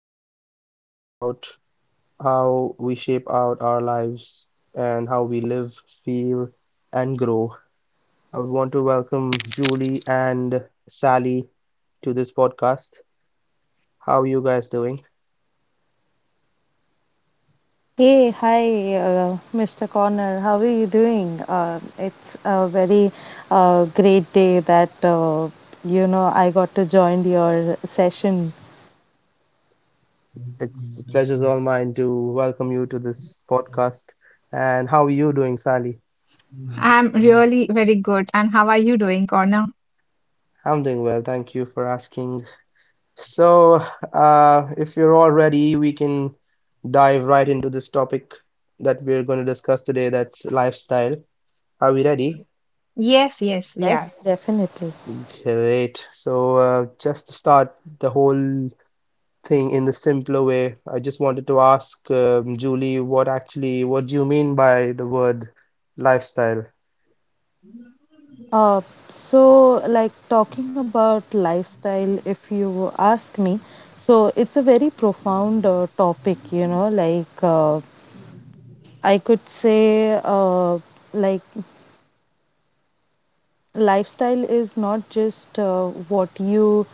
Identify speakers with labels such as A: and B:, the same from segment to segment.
A: all chat about how we shape out our lives and how we live, feel, and grow. I want to welcome Julie and Sally to this podcast. How are you guys doing?
B: Hey, hi, Mr. Connor. How are you doing? It's a very great day that I got to join your session.
A: It's the pleasure's all mine to welcome you to this podcast. And how are you doing, Sally?
C: I'm really very good. And how are you doing, Corner?
A: I'm doing well. Thank you for asking. So, if you're all ready, we can dive right into this topic that we're going to discuss today. That's lifestyle. Are we ready?
C: Yes, yes, we are.
B: Yes. Definitely.
A: Great. So, just to start the whole thing in the simpler way, I just wanted to ask Julie, what do you mean by the word lifestyle?
B: Uh, like talking about lifestyle, if you ask me, so it's a very profound topic, you know, I could say, like lifestyle is not just what you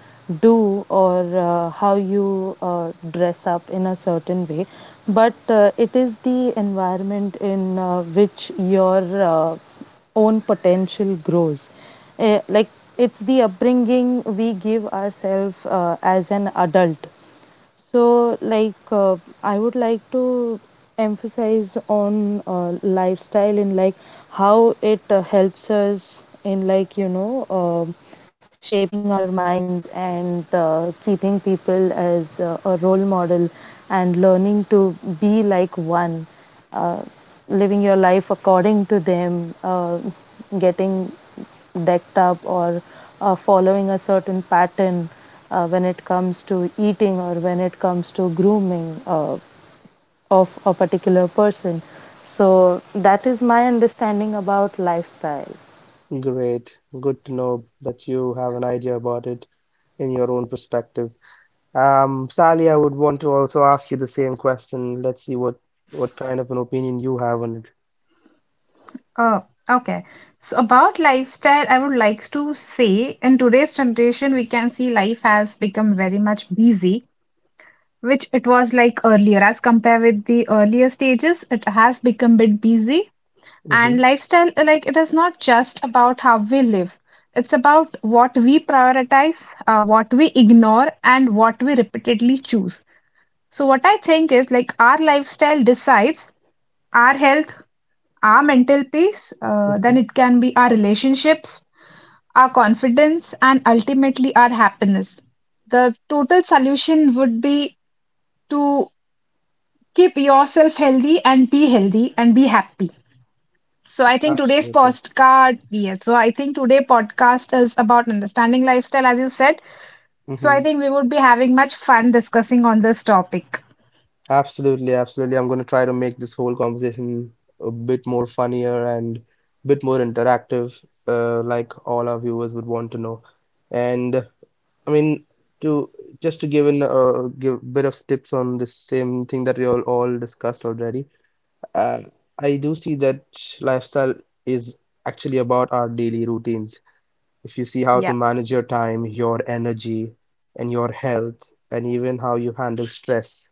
B: do or how you dress up in a certain way, but it is the environment in which your own potential grows. Like it's the upbringing we give ourselves as an adult. so, like, uh, I would like to emphasize on lifestyle and like how it helps us in shaping our minds and keeping people as a role model and learning to be like one, uh, living your life according to them, getting decked up or following a certain pattern when it comes to eating or when it comes to grooming of a particular person. So that is my understanding about lifestyle.
A: Great. Good to know that you have an idea about it in your own perspective. Sally, I would want to also ask you the same question. Let's see what kind of an opinion you have on it.
C: Oh, okay. So about lifestyle, I would like to say in today's generation, we can see life has become very much busy, which it was like earlier. As compared with the earlier stages, it has become a bit busy. And
A: Mm-hmm.
C: lifestyle, like it is not just about how we live. It's about what we prioritize, what we ignore, and what we repeatedly choose. So what I think is like our lifestyle decides our health, our mental peace, then
A: Mm-hmm.
C: it can be our relationships, our confidence, and ultimately our happiness. The total solution would be to keep yourself healthy and be happy. So I think today's
A: Absolutely.
C: podcast, yeah, so I think today podcast is about understanding lifestyle, as you said. So
A: Mm-hmm.
C: I think we would be having much fun discussing on this topic.
A: Absolutely, absolutely. I'm going to try to make this whole conversation a bit more funnier and bit more interactive, like all our viewers would want to know. And I mean, to just to give in a give bit of tips on the same thing that we all discussed already. And I do see that lifestyle is actually about our daily routines. If you see how to
C: Yeah.
A: manage your time, your energy, and your health, and even how you handle stress.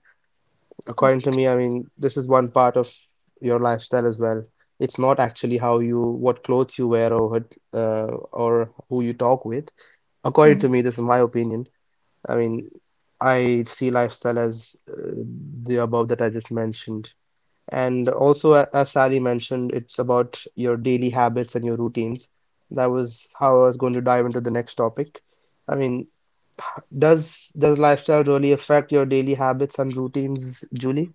C: Correct.
A: According to me, I mean, this is one part of your lifestyle as well. It's not actually how you, what clothes you wear or what, or who you talk with. According to me, this is my opinion. I mean, I see lifestyle as the above that I just mentioned. And also, as Sally mentioned, it's about your daily habits and your routines. That was how I was going to dive into the next topic. I mean, does does lifestyle really affect your daily habits and routines, Julie?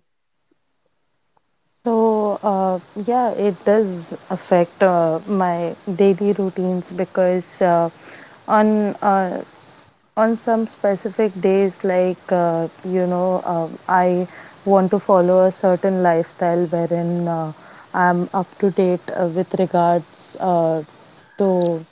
B: So uh, yeah, it does affect my daily routines because on uh, on some specific days I want to follow a certain lifestyle wherein I'm up to date with regards to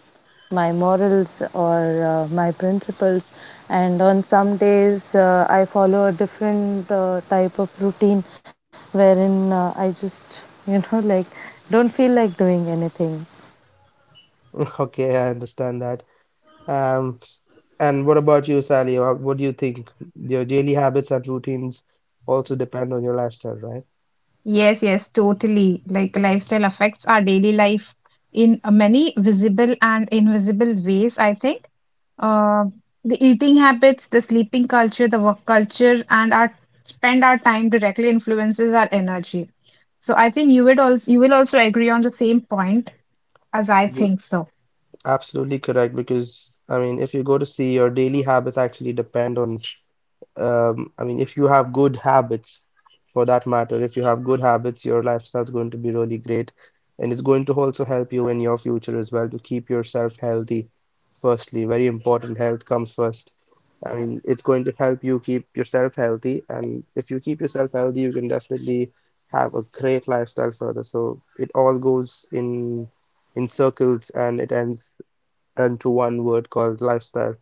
B: my morals or my principles, and on some days I follow a different type of routine wherein I just you know like don't feel like doing anything.
A: Okay, I understand that. Um, and what about you, Sally? What do you think? Your daily habits and routines also depend on your lifestyle, right?
C: Yes, yes, totally. Like lifestyle affects our daily life in many visible and invisible ways, I think. Uh, the eating habits, the sleeping culture, the work culture, and our spend our time directly influences our energy. So I think you would also you will also agree on the same point as I
A: You're
C: think so.
A: absolutely correct because, I mean, if you go to see, your daily habits actually depend on I mean, if you have good habits, for that matter, if you have good habits, your lifestyle's going to be really great, and it's going to also help you in your future as well to keep yourself healthy. Firstly, very important, health comes first. I mean, it's going to help you keep yourself healthy, and if you keep yourself healthy, you can definitely have a great lifestyle further. So it all goes in circles, and it ends into one word called lifestyle.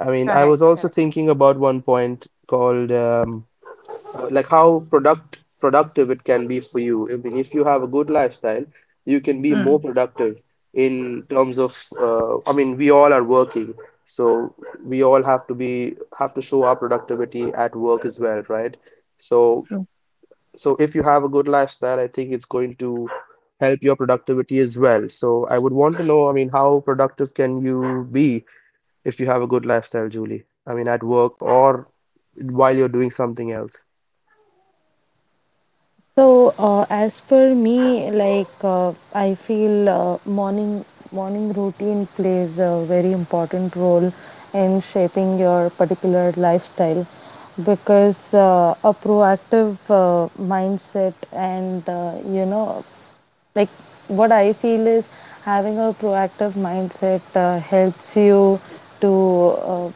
A: I mean, I was
C: Correct,
A: also
C: correct.
A: thinking about one point called like how productive it can be for you. I mean, if you have a good lifestyle, you can be more
C: Hmm.
A: productive in terms of I mean, we all are working, so we all have to be have to show our productivity at work as well, right? So if you have a good lifestyle, I think it's going to help your productivity as well. So I would want to know, I mean, how productive can you be if you have a good lifestyle, Julie. I mean, at work or while you're doing something else.
B: As per me, I feel morning routine plays a very important role in shaping your particular lifestyle, because a proactive mindset and like what I feel is having a proactive mindset helps you to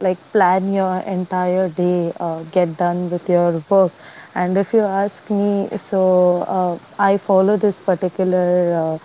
B: like plan your entire day, get done with your work. And if you ask me, I follow this particular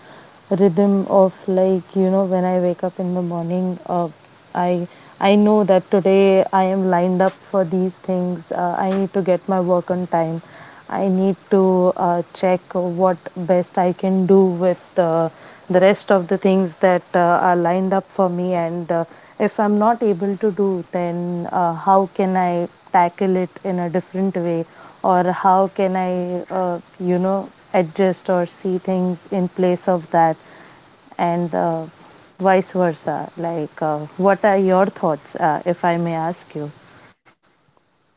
B: rhythm of when I wake up in the morning. Uh, I I know that today I am lined up for these things. I need to get my work on time. I need to check what best I can do with the rest of the things that are lined up for me, and if I'm not able to do, then how can I tackle it in a different way, or how can I, adjust or see things in place of that, and vice versa. Like, what are your thoughts, if I may ask you?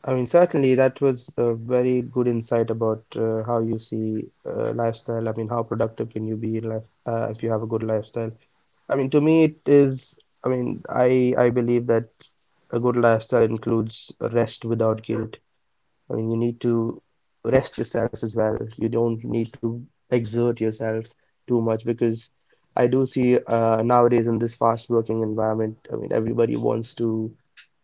A: I mean, certainly that was a very good insight about how you see lifestyle. I mean, how productive can you be in life if you have a good lifestyle? I mean, to me, it is. I mean, I believe that a good lifestyle includes rest without guilt. I mean, you need to rest yourself as well. You don't need to exert yourself too much because I do see nowadays in this fast working environment, I mean, everybody wants to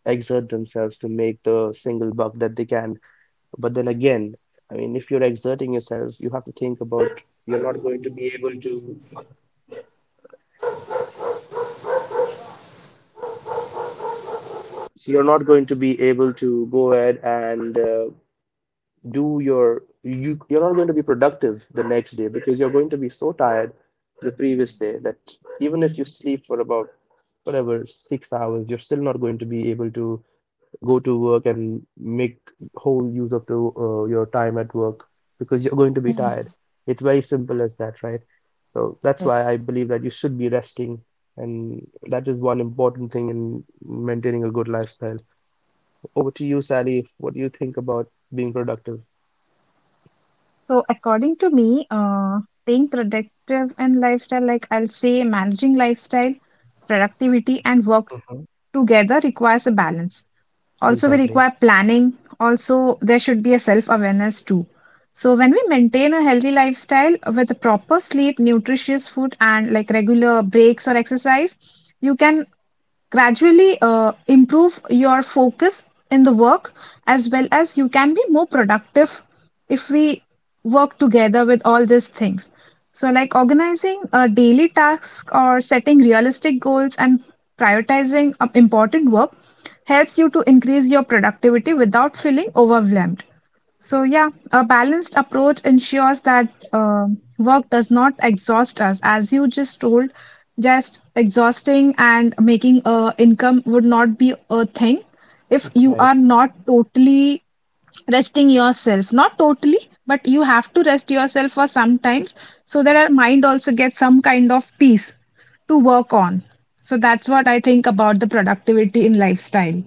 A: exert themselves to make the single buck that they can. But then again, I mean, if you're exerting yourself, you have to think about you're not going to be able to go ahead and do your you're not going to be productive the next day because you're going to be so tired the previous day that even if you sleep for about whatever 6 hours, you're still not going to be able to go to work and make whole use of the your time at work because you're going to be tired. It's very simple as that, right? So that's why I believe that you should be resting, and that is one important thing in maintaining a good lifestyle. Over to you, Sally. What do you think about being productive?
C: So, according to me, being productive and lifestyle, like I'll say, managing lifestyle, productivity, and work
A: Mhm.
C: together requires a balance. Also, we
A: Exactly.
C: require planning. Also, there should be a self awareness too. So, when we maintain a healthy lifestyle with proper sleep, nutritious food, and like regular breaks or exercise, you can gradually improve your focus in the work as well as you can be more productive if we work together with all these things, so like organizing a daily task or setting realistic goals and prioritizing important work helps you to increase your productivity without feeling overwhelmed. So, yeah, a balanced approach ensures that work does not exhaust us. As you just told, just exhausting and making a income would not be a thing if you are
A: Right.
C: not totally resting yourself. Not totally, but you have to rest yourself for some times so that our mind also gets some kind of peace to work on. So that's what I think about the productivity in lifestyle.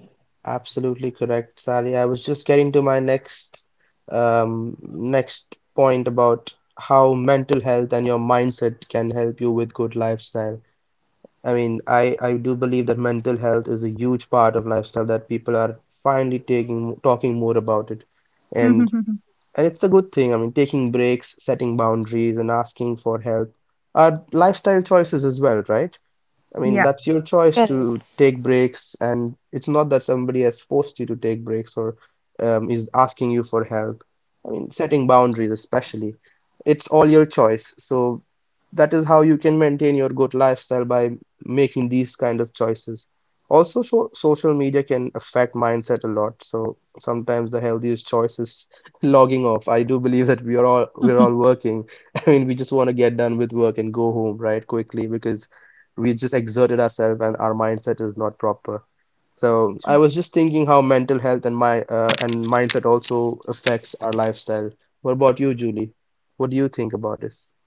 A: Absolutely correct, Sally. I was just getting to my next next point about how mental health and your mindset can help you with good lifestyle. I mean, I do believe that mental health is a huge part of lifestyle that people are finally taking talking more about it. And it's a good thing. I mean, taking breaks, setting boundaries, and asking for help are lifestyle choices as well, right? I mean,
C: Yeah.
A: that's your choice
B: Correct.
A: to take breaks, and it's not that somebody has forced you to take breaks or is asking you for help. I mean, setting boundaries, especially, it's all your choice. So that is how you can maintain your good lifestyle by making these kind of choices. Also, so social media can affect mindset a lot. So sometimes the healthiest choice is logging off. I do believe that we're all working. I mean, we just want to get done with work and go home, right, quickly because we just exerted ourselves and our mindset is not proper. So I was just thinking how mental health and my and mindset also affects our lifestyle. What about you, Julie? What do you think about this?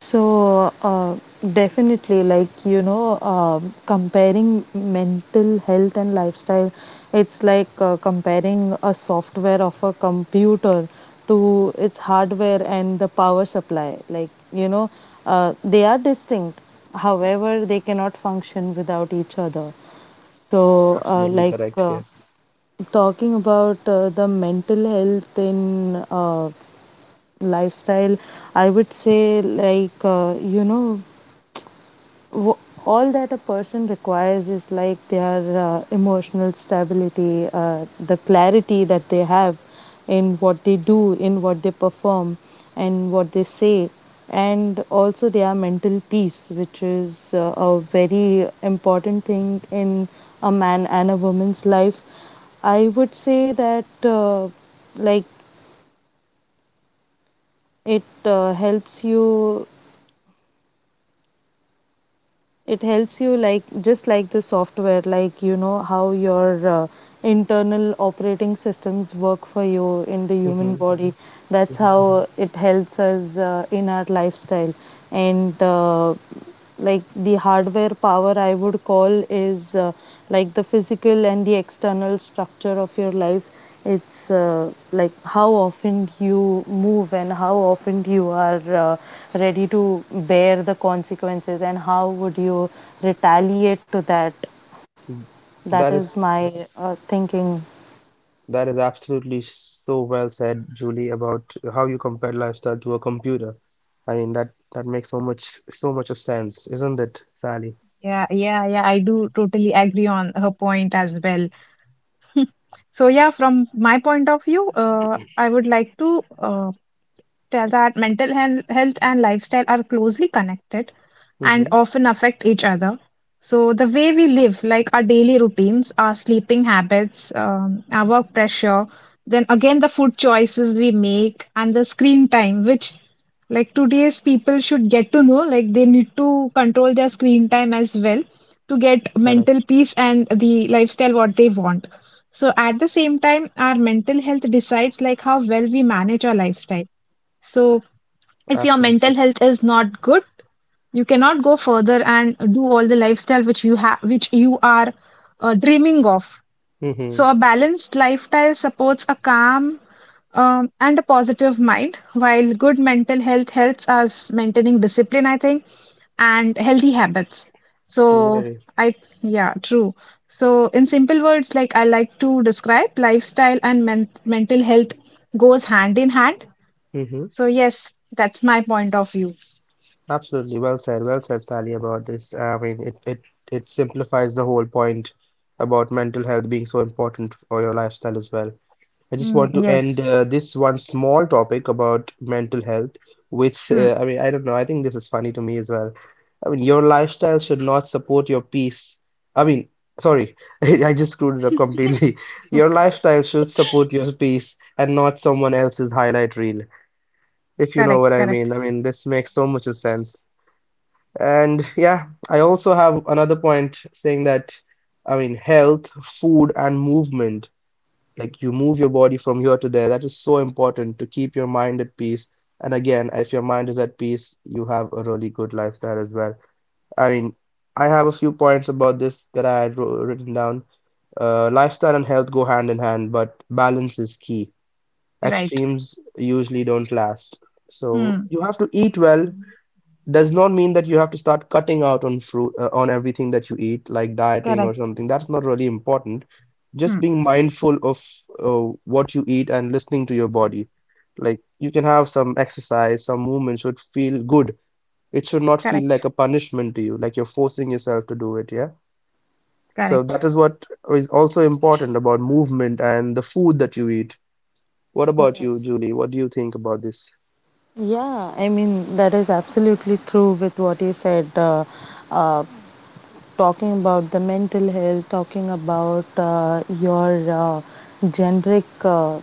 B: So, uh, Definitely, comparing mental health and lifestyle, it's like comparing a software of a computer to its hardware and the power supply. They are distinct. However, they cannot function without each other. So, uh,
A: Absolutely
B: like,
A: correct,
B: uh,
A: yes.
B: Talking about the mental health in lifestyle, I would say, w- all that a person requires is like their emotional stability, the clarity that they have in what they do, in what they perform, and what they say, and also their mental peace, which is a very important thing in a man and a woman's life. I would say that, like, it helps you it helps you like just like the software, how your internal operating systems work for you in the human
A: Hmm.
B: body. That's
A: Hmm.
B: how it helps us in our lifestyle. And like the hardware power, I would call, is like the physical and the external structure of your life. It's like how often you move and how often you are ready to bear the consequences, and how would you retaliate to that. That
A: That
B: is
A: is
B: my thinking.
A: absolutely so well said, Julie, about how you compare lifestyle to a computer. I mean that makes so much of sense, isn't it, Sally?
C: Yeah, yeah, yeah. I do totally agree on her point as well. So, yeah, from my point of view, I would like to tell that health and lifestyle are closely connected and
A: Mm-hmm.
C: often affect each other. So, the way we live, like our daily routines, our sleeping habits, our work pressure, then again the food choices we make, and the screen time, which like today's people should get to know, like they need to control their screen time as well to get mental
A: Correct.
C: peace and the lifestyle what they want. So, at the same time, our mental health decides like how well we manage our lifestyle. So, if your
A: Absolutely.
C: mental health is not good, you cannot go further and do all the lifestyle which you have, which you are dreaming of.
A: Mm-hmm.
C: So, a balanced lifestyle supports a calm and a positive mind, while good mental health helps us maintaining discipline, I think, and healthy habits. So,
A: Very.
C: I, yeah, true. So, in simple words, like I like to describe, lifestyle and mental health goes hand in hand.
A: Mm-hmm.
C: So, yes, that's my point of view.
A: Absolutely, well said, Sally, about this. I mean, it simplifies the whole point about mental health being so important for your lifestyle as well. I just
C: Mm,
A: want to end
C: yes.
A: this one small topic about mental health with,
C: Hmm.
A: I mean, I don't know, I think this is funny to me as well. I mean, your lifestyle should not support your peace. I mean, sorry, I just screwed it up completely. Your lifestyle should support your peace and not someone else's highlight reel, if you know what
C: Correct.
A: I mean. I
C: Correct.
A: mean, this makes so much of sense. And yeah, I also have another point saying that, I mean, health, food, and movement, like you move your body from here to there, that is so important to keep your mind at peace. And again, if your mind is at peace, you have a really good lifestyle as well. I mean, I have a few points about this that I had written down. Lifestyle and health go hand in hand, but balance is key.
C: Right.
A: Extremes usually don't last. So
C: Hmm.
A: you have to eat well, does not mean that you have to start cutting out on fruit on everything that you eat like dieting or
C: Correct.
A: something that's not really important, just
C: Hmm.
A: being mindful of what you eat and listening to your body. Like you can have some exercise, some movement should feel good. It should not feel
C: Correct.
A: like a punishment to you like you're forcing yourself to do it, yeah. So
C: Correct.
A: that is what is also important about movement and the food that you eat. What about you, Julie? What do you think about this?
B: Yeah, I mean that is absolutely true with what you said. Uh, Talking about the mental health, talking about your generic,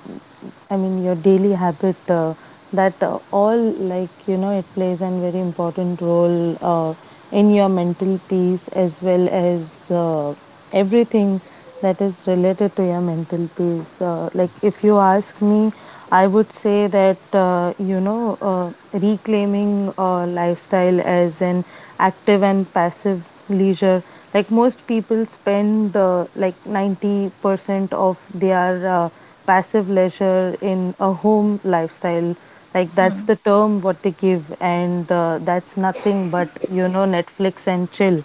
B: I mean, your daily habit, that all, like, you know, it plays a very important role in your mental peace as well as everything that is related to your mental peace. Like, if you ask me, I would say that, reclaiming lifestyle as an active and passive leisure. Like most people spend like 90% of their passive leisure in a home lifestyle, like that's
C: Hmm.
B: the term what they give, and that's nothing but you know Netflix and chill.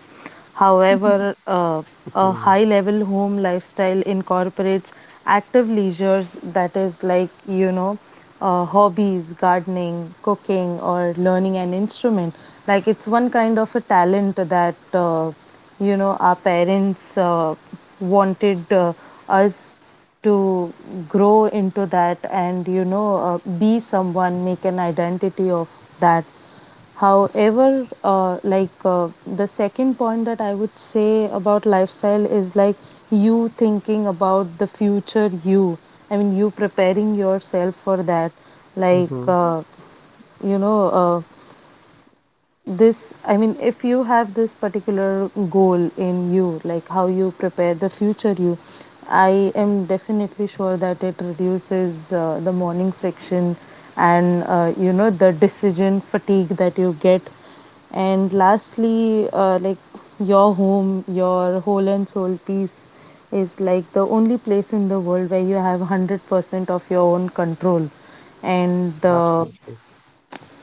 B: However, a
A: Hmm.
B: high level home lifestyle incorporates active leisures, that is hobbies, gardening, cooking, or learning an instrument. Like it's one kind of a talent that our parents wanted us to grow into that, and you know be someone, make an identity of that. However, the second point that I would say about lifestyle is like you thinking about the future you, I mean you preparing yourself for that.
A: Hmm.
B: Like uh, you know uh, this I mean, if you have this particular goal in you, like how you prepare the future you, I am definitely sure that it reduces the morning friction and the decision fatigue that you get. And lastly, your home, your whole and soul peace is like the only place in the world where you have 100% of your own control. And
A: Absolutely.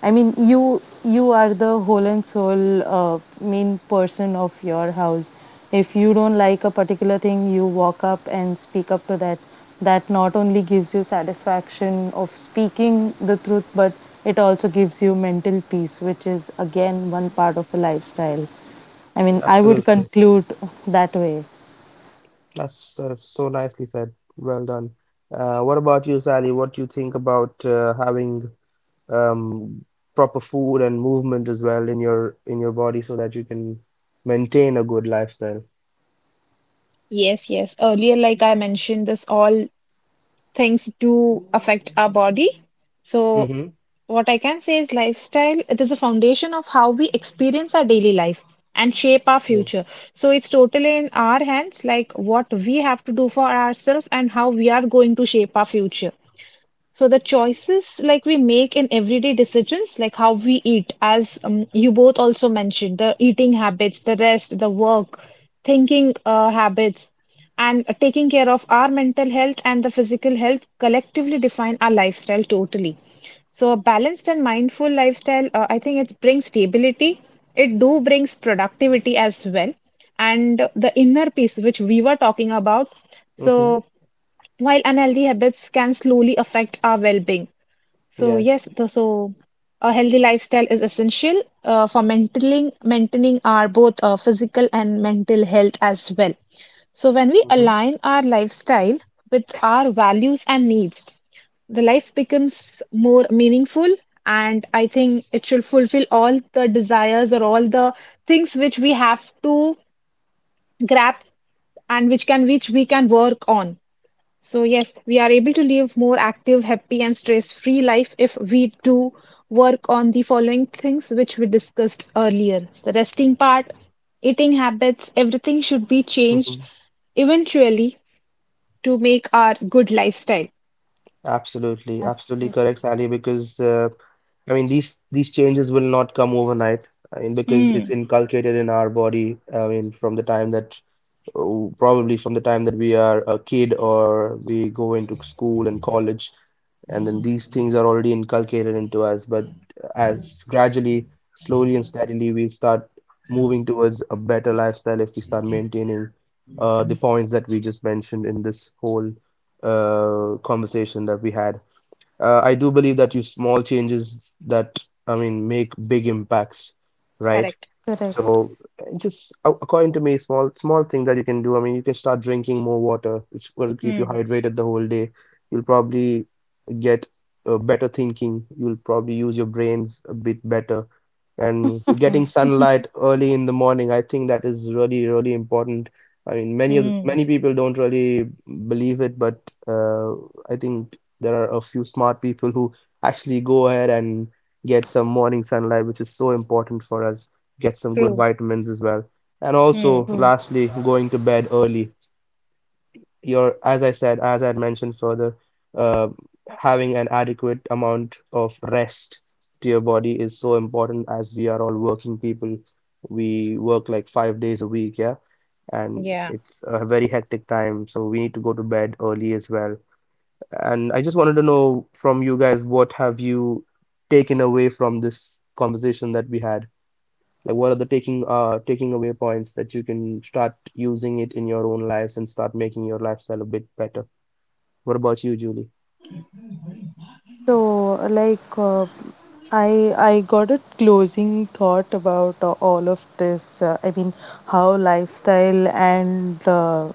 B: I mean, you are the whole and soul main person of your house. If you don't like a particular thing, you walk up and speak up to that. That not only gives you satisfaction of speaking the truth, but it also gives you mental peace, which is again one part of the lifestyle. I mean, I would
A: Absolutely.
B: conclude that way.
A: That's so nicely said. Well done. What about you, Sally? What do you think about having um, proper food and movement as well in your body so that you can maintain a good lifestyle?
C: Yes, yes. Earlier, like I mentioned, this all things do affect our body. So,
A: Mm-hmm.
C: what I can say is lifestyle, it is a foundation of how we experience our daily life and shape our future. So, it's totally in our hands, like what we have to do for ourselves and how we are going to shape our future. So the choices like we make in everyday decisions, like how we eat, as you both also mentioned, the eating habits, the rest, the work, thinking habits, and taking care of our mental health and the physical health collectively define our lifestyle totally. So a balanced and mindful lifestyle, I think it brings stability. It do brings productivity as well, and the inner peace which we were talking about.
A: Mm-hmm.
C: So while unhealthy habits can slowly affect our well-being. So
A: Yes.
C: yes, so a healthy lifestyle is essential for maintaining our both physical and mental health as well. So when we
A: Mm-hmm.
C: align our lifestyle with our values and needs, the life becomes more meaningful, and I think it should fulfill all the desires or all the things which we have to grab and which can which we can work on. So yes, we are able to live more active, happy, and stress-free life if we do work on the following things which we discussed earlier. The resting part, eating habits, everything should be changed
A: Mm-hmm.
C: eventually to make our good lifestyle.
A: Absolutely, absolutely
B: Absolutely
A: correct, Sally, because I mean these changes will not come overnight. I mean because it's
C: Hmm.
A: inculcated in our body. I mean from the time that oh, probably from the time that we are a kid or we go into school and college, and then these things are already inculcated into us. But as gradually, slowly and steadily, we start moving towards a better lifestyle if we start maintaining the points that we just mentioned in this whole conversation that we had. I do believe that you small changes that, I mean, make big impacts, right?
C: Correct.
B: correct.
A: So according to me, small thing that you can do. I mean, you can start drinking more water, which will keep you hydrated the whole day. You'll probably get better thinking. You'll probably use your brains a bit better, and getting sunlight early in the morning, I think that is really really important. I mean many people don't really believe it, but I think there are a few smart people who actually go ahead and get some morning sunlight, which is so important for us. Get some good
C: True.
A: vitamins as well, and
B: True.
C: Hmm.
A: also lastly going to bed early. Your As I said, as I had mentioned further, uh, having an adequate amount of rest to your body is so important, as we are all working people. We work like five days a week, yeah, and
C: Yeah.
A: it's a very hectic time, so we need to go to bed early as well. And I just wanted to know from you guys, what have you taken away from this conversation that we had? Like, what are the taking away points that you can start using it in your own lives and start making your lifestyle a bit better? What about you, Julie?
B: So I got a closing thought about all of this. I mean, how lifestyle and,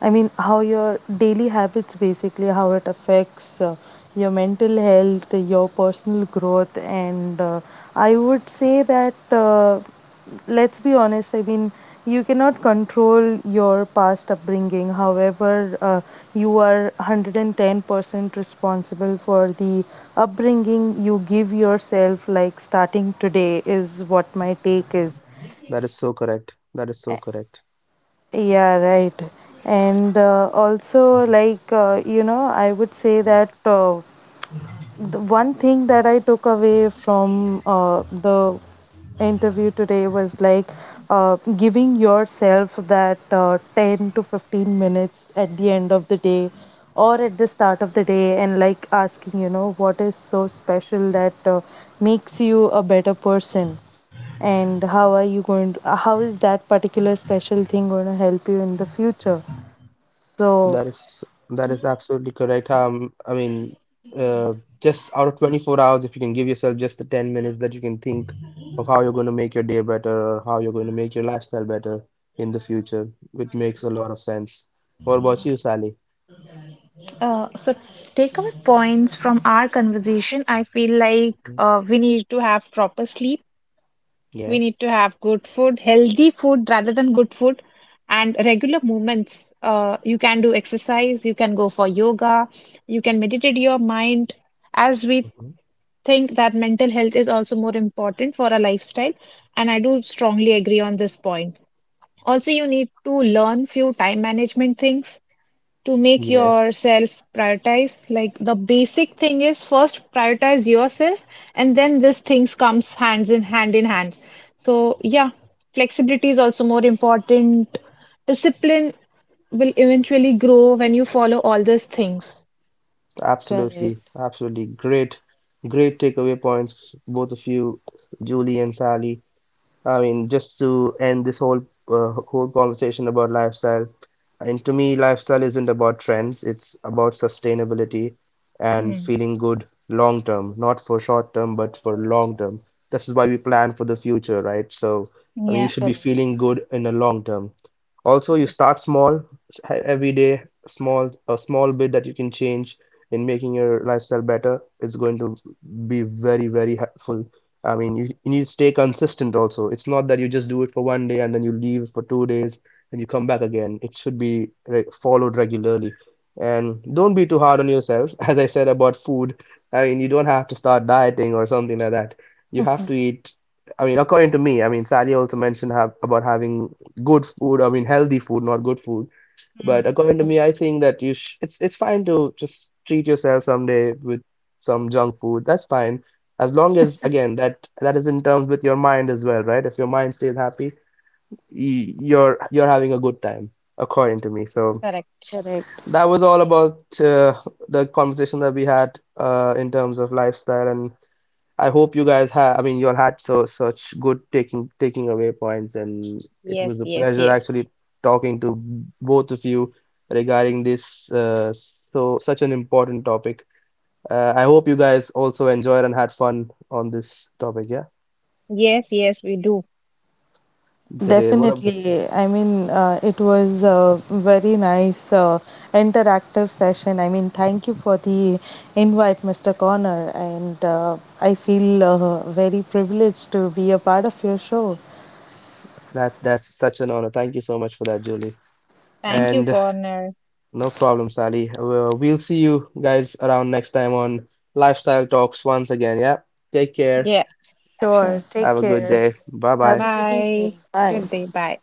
B: I mean, how your daily habits basically, how it affects your mental health, your personal growth, and I would say that, let's be honest, I mean, you cannot control your past upbringing. However, you are 110% responsible for the upbringing you give yourself, like starting today, is what my take is.
A: That is so correct. That is so correct.
B: Yeah, right. And also, like, you know, I would say that the one thing that I took away from the interview today was like giving yourself that 10 to 15 minutes at the end of the day or at the start of the day, and like asking, you know, what is so special that makes you a better person, and how are you going to, how is that particular special thing going to help you in the future?
A: That
B: So,
A: is that is absolutely correct. I mean, uh, just out of 24 hours, if you can give yourself just the 10 minutes that you can think of how you're going to make your day better or how you're going to make your lifestyle better in the future, which makes a lot of sense. What about you, Sally?
C: So takeaway points from our conversation, I feel like
A: Mhm.
C: we need to have proper sleep. We need
A: Yes.
C: to have good food, healthy food rather than good food, and regular movements. You can do exercise, you can go for yoga, you can meditate your mind. As we
A: Mhm.
C: think that mental health is also more important for a lifestyle, and I do strongly agree on this point. Also, you need to learn few time management things to make
A: Yes.
C: yourself prioritize, like the basic thing is first prioritize yourself and then these things comes hands in hand in hands. So, yeah, flexibility is also more important. Discipline will eventually grow when you follow all these things.
A: Absolutely.
B: correct,
A: Absolutely. Great. Great takeaway points, both of you, Julie and Sally. I mean, just to end this whole conversation about lifestyle, and to me, lifestyle isn't about trends. It's about sustainability and
C: Hmm.
A: feeling good long term, not for short term, but for long term. This is why we plan for the future, right? So, I mean, you
C: Yeah.
A: should be feeling good in the long term. Also, you
C: Yeah.
A: start small, every day, small a small bit that you can change in making your lifestyle better is going to be very, very helpful. I mean, you need to stay consistent also. It's not that you just do it for one day and then you leave for two days and you come back again. It should be re followed regularly. And don't be too hard on yourself. As I said about food, I mean, you don't have to start dieting or something like that. You have to eat. I mean, according to me, I mean, Sally also mentioned about having good food. I mean, healthy food, not good food. But
C: Hmm.
A: according to me, I think that you sh it's fine to just treat yourself someday with some junk food. That's fine. As long as, again, that is in terms with your mind as well, right? If your mind stays happy, you're having a good time, according to me. So
C: Correct.
B: correct.
A: that was all about the conversation that we had in terms of lifestyle. And I hope you guys have, I mean, you all had so such good taking away points, and it
C: Yes,
A: was a
C: yes,
A: pleasure
C: yes.
A: actually talking to both of you regarding this so such an important topic. I hope you guys also enjoyed and had fun on this topic. Yeah,
C: Yes, yes, we do.
A: great. What a
B: Definitely. I mean, it was a very nice interactive session. I mean, thank you for the invite, Mr. Connor, and I feel very privileged to be a part of your show.
A: that that's such an honor. Thank you so much for that, Julie.
C: Thank you,
A: And
C: Corner.
A: no problem, Sally. We'll see you guys around next time on Lifestyle Talks once again. Yeah, take care.
C: Yeah,
B: Sure.
C: sure.
B: Take
A: Have a good
B: care.
A: day. Bye
B: Have
A: bye.
B: a good
C: Bye.
B: evening. Bye.
C: Good day. Bye.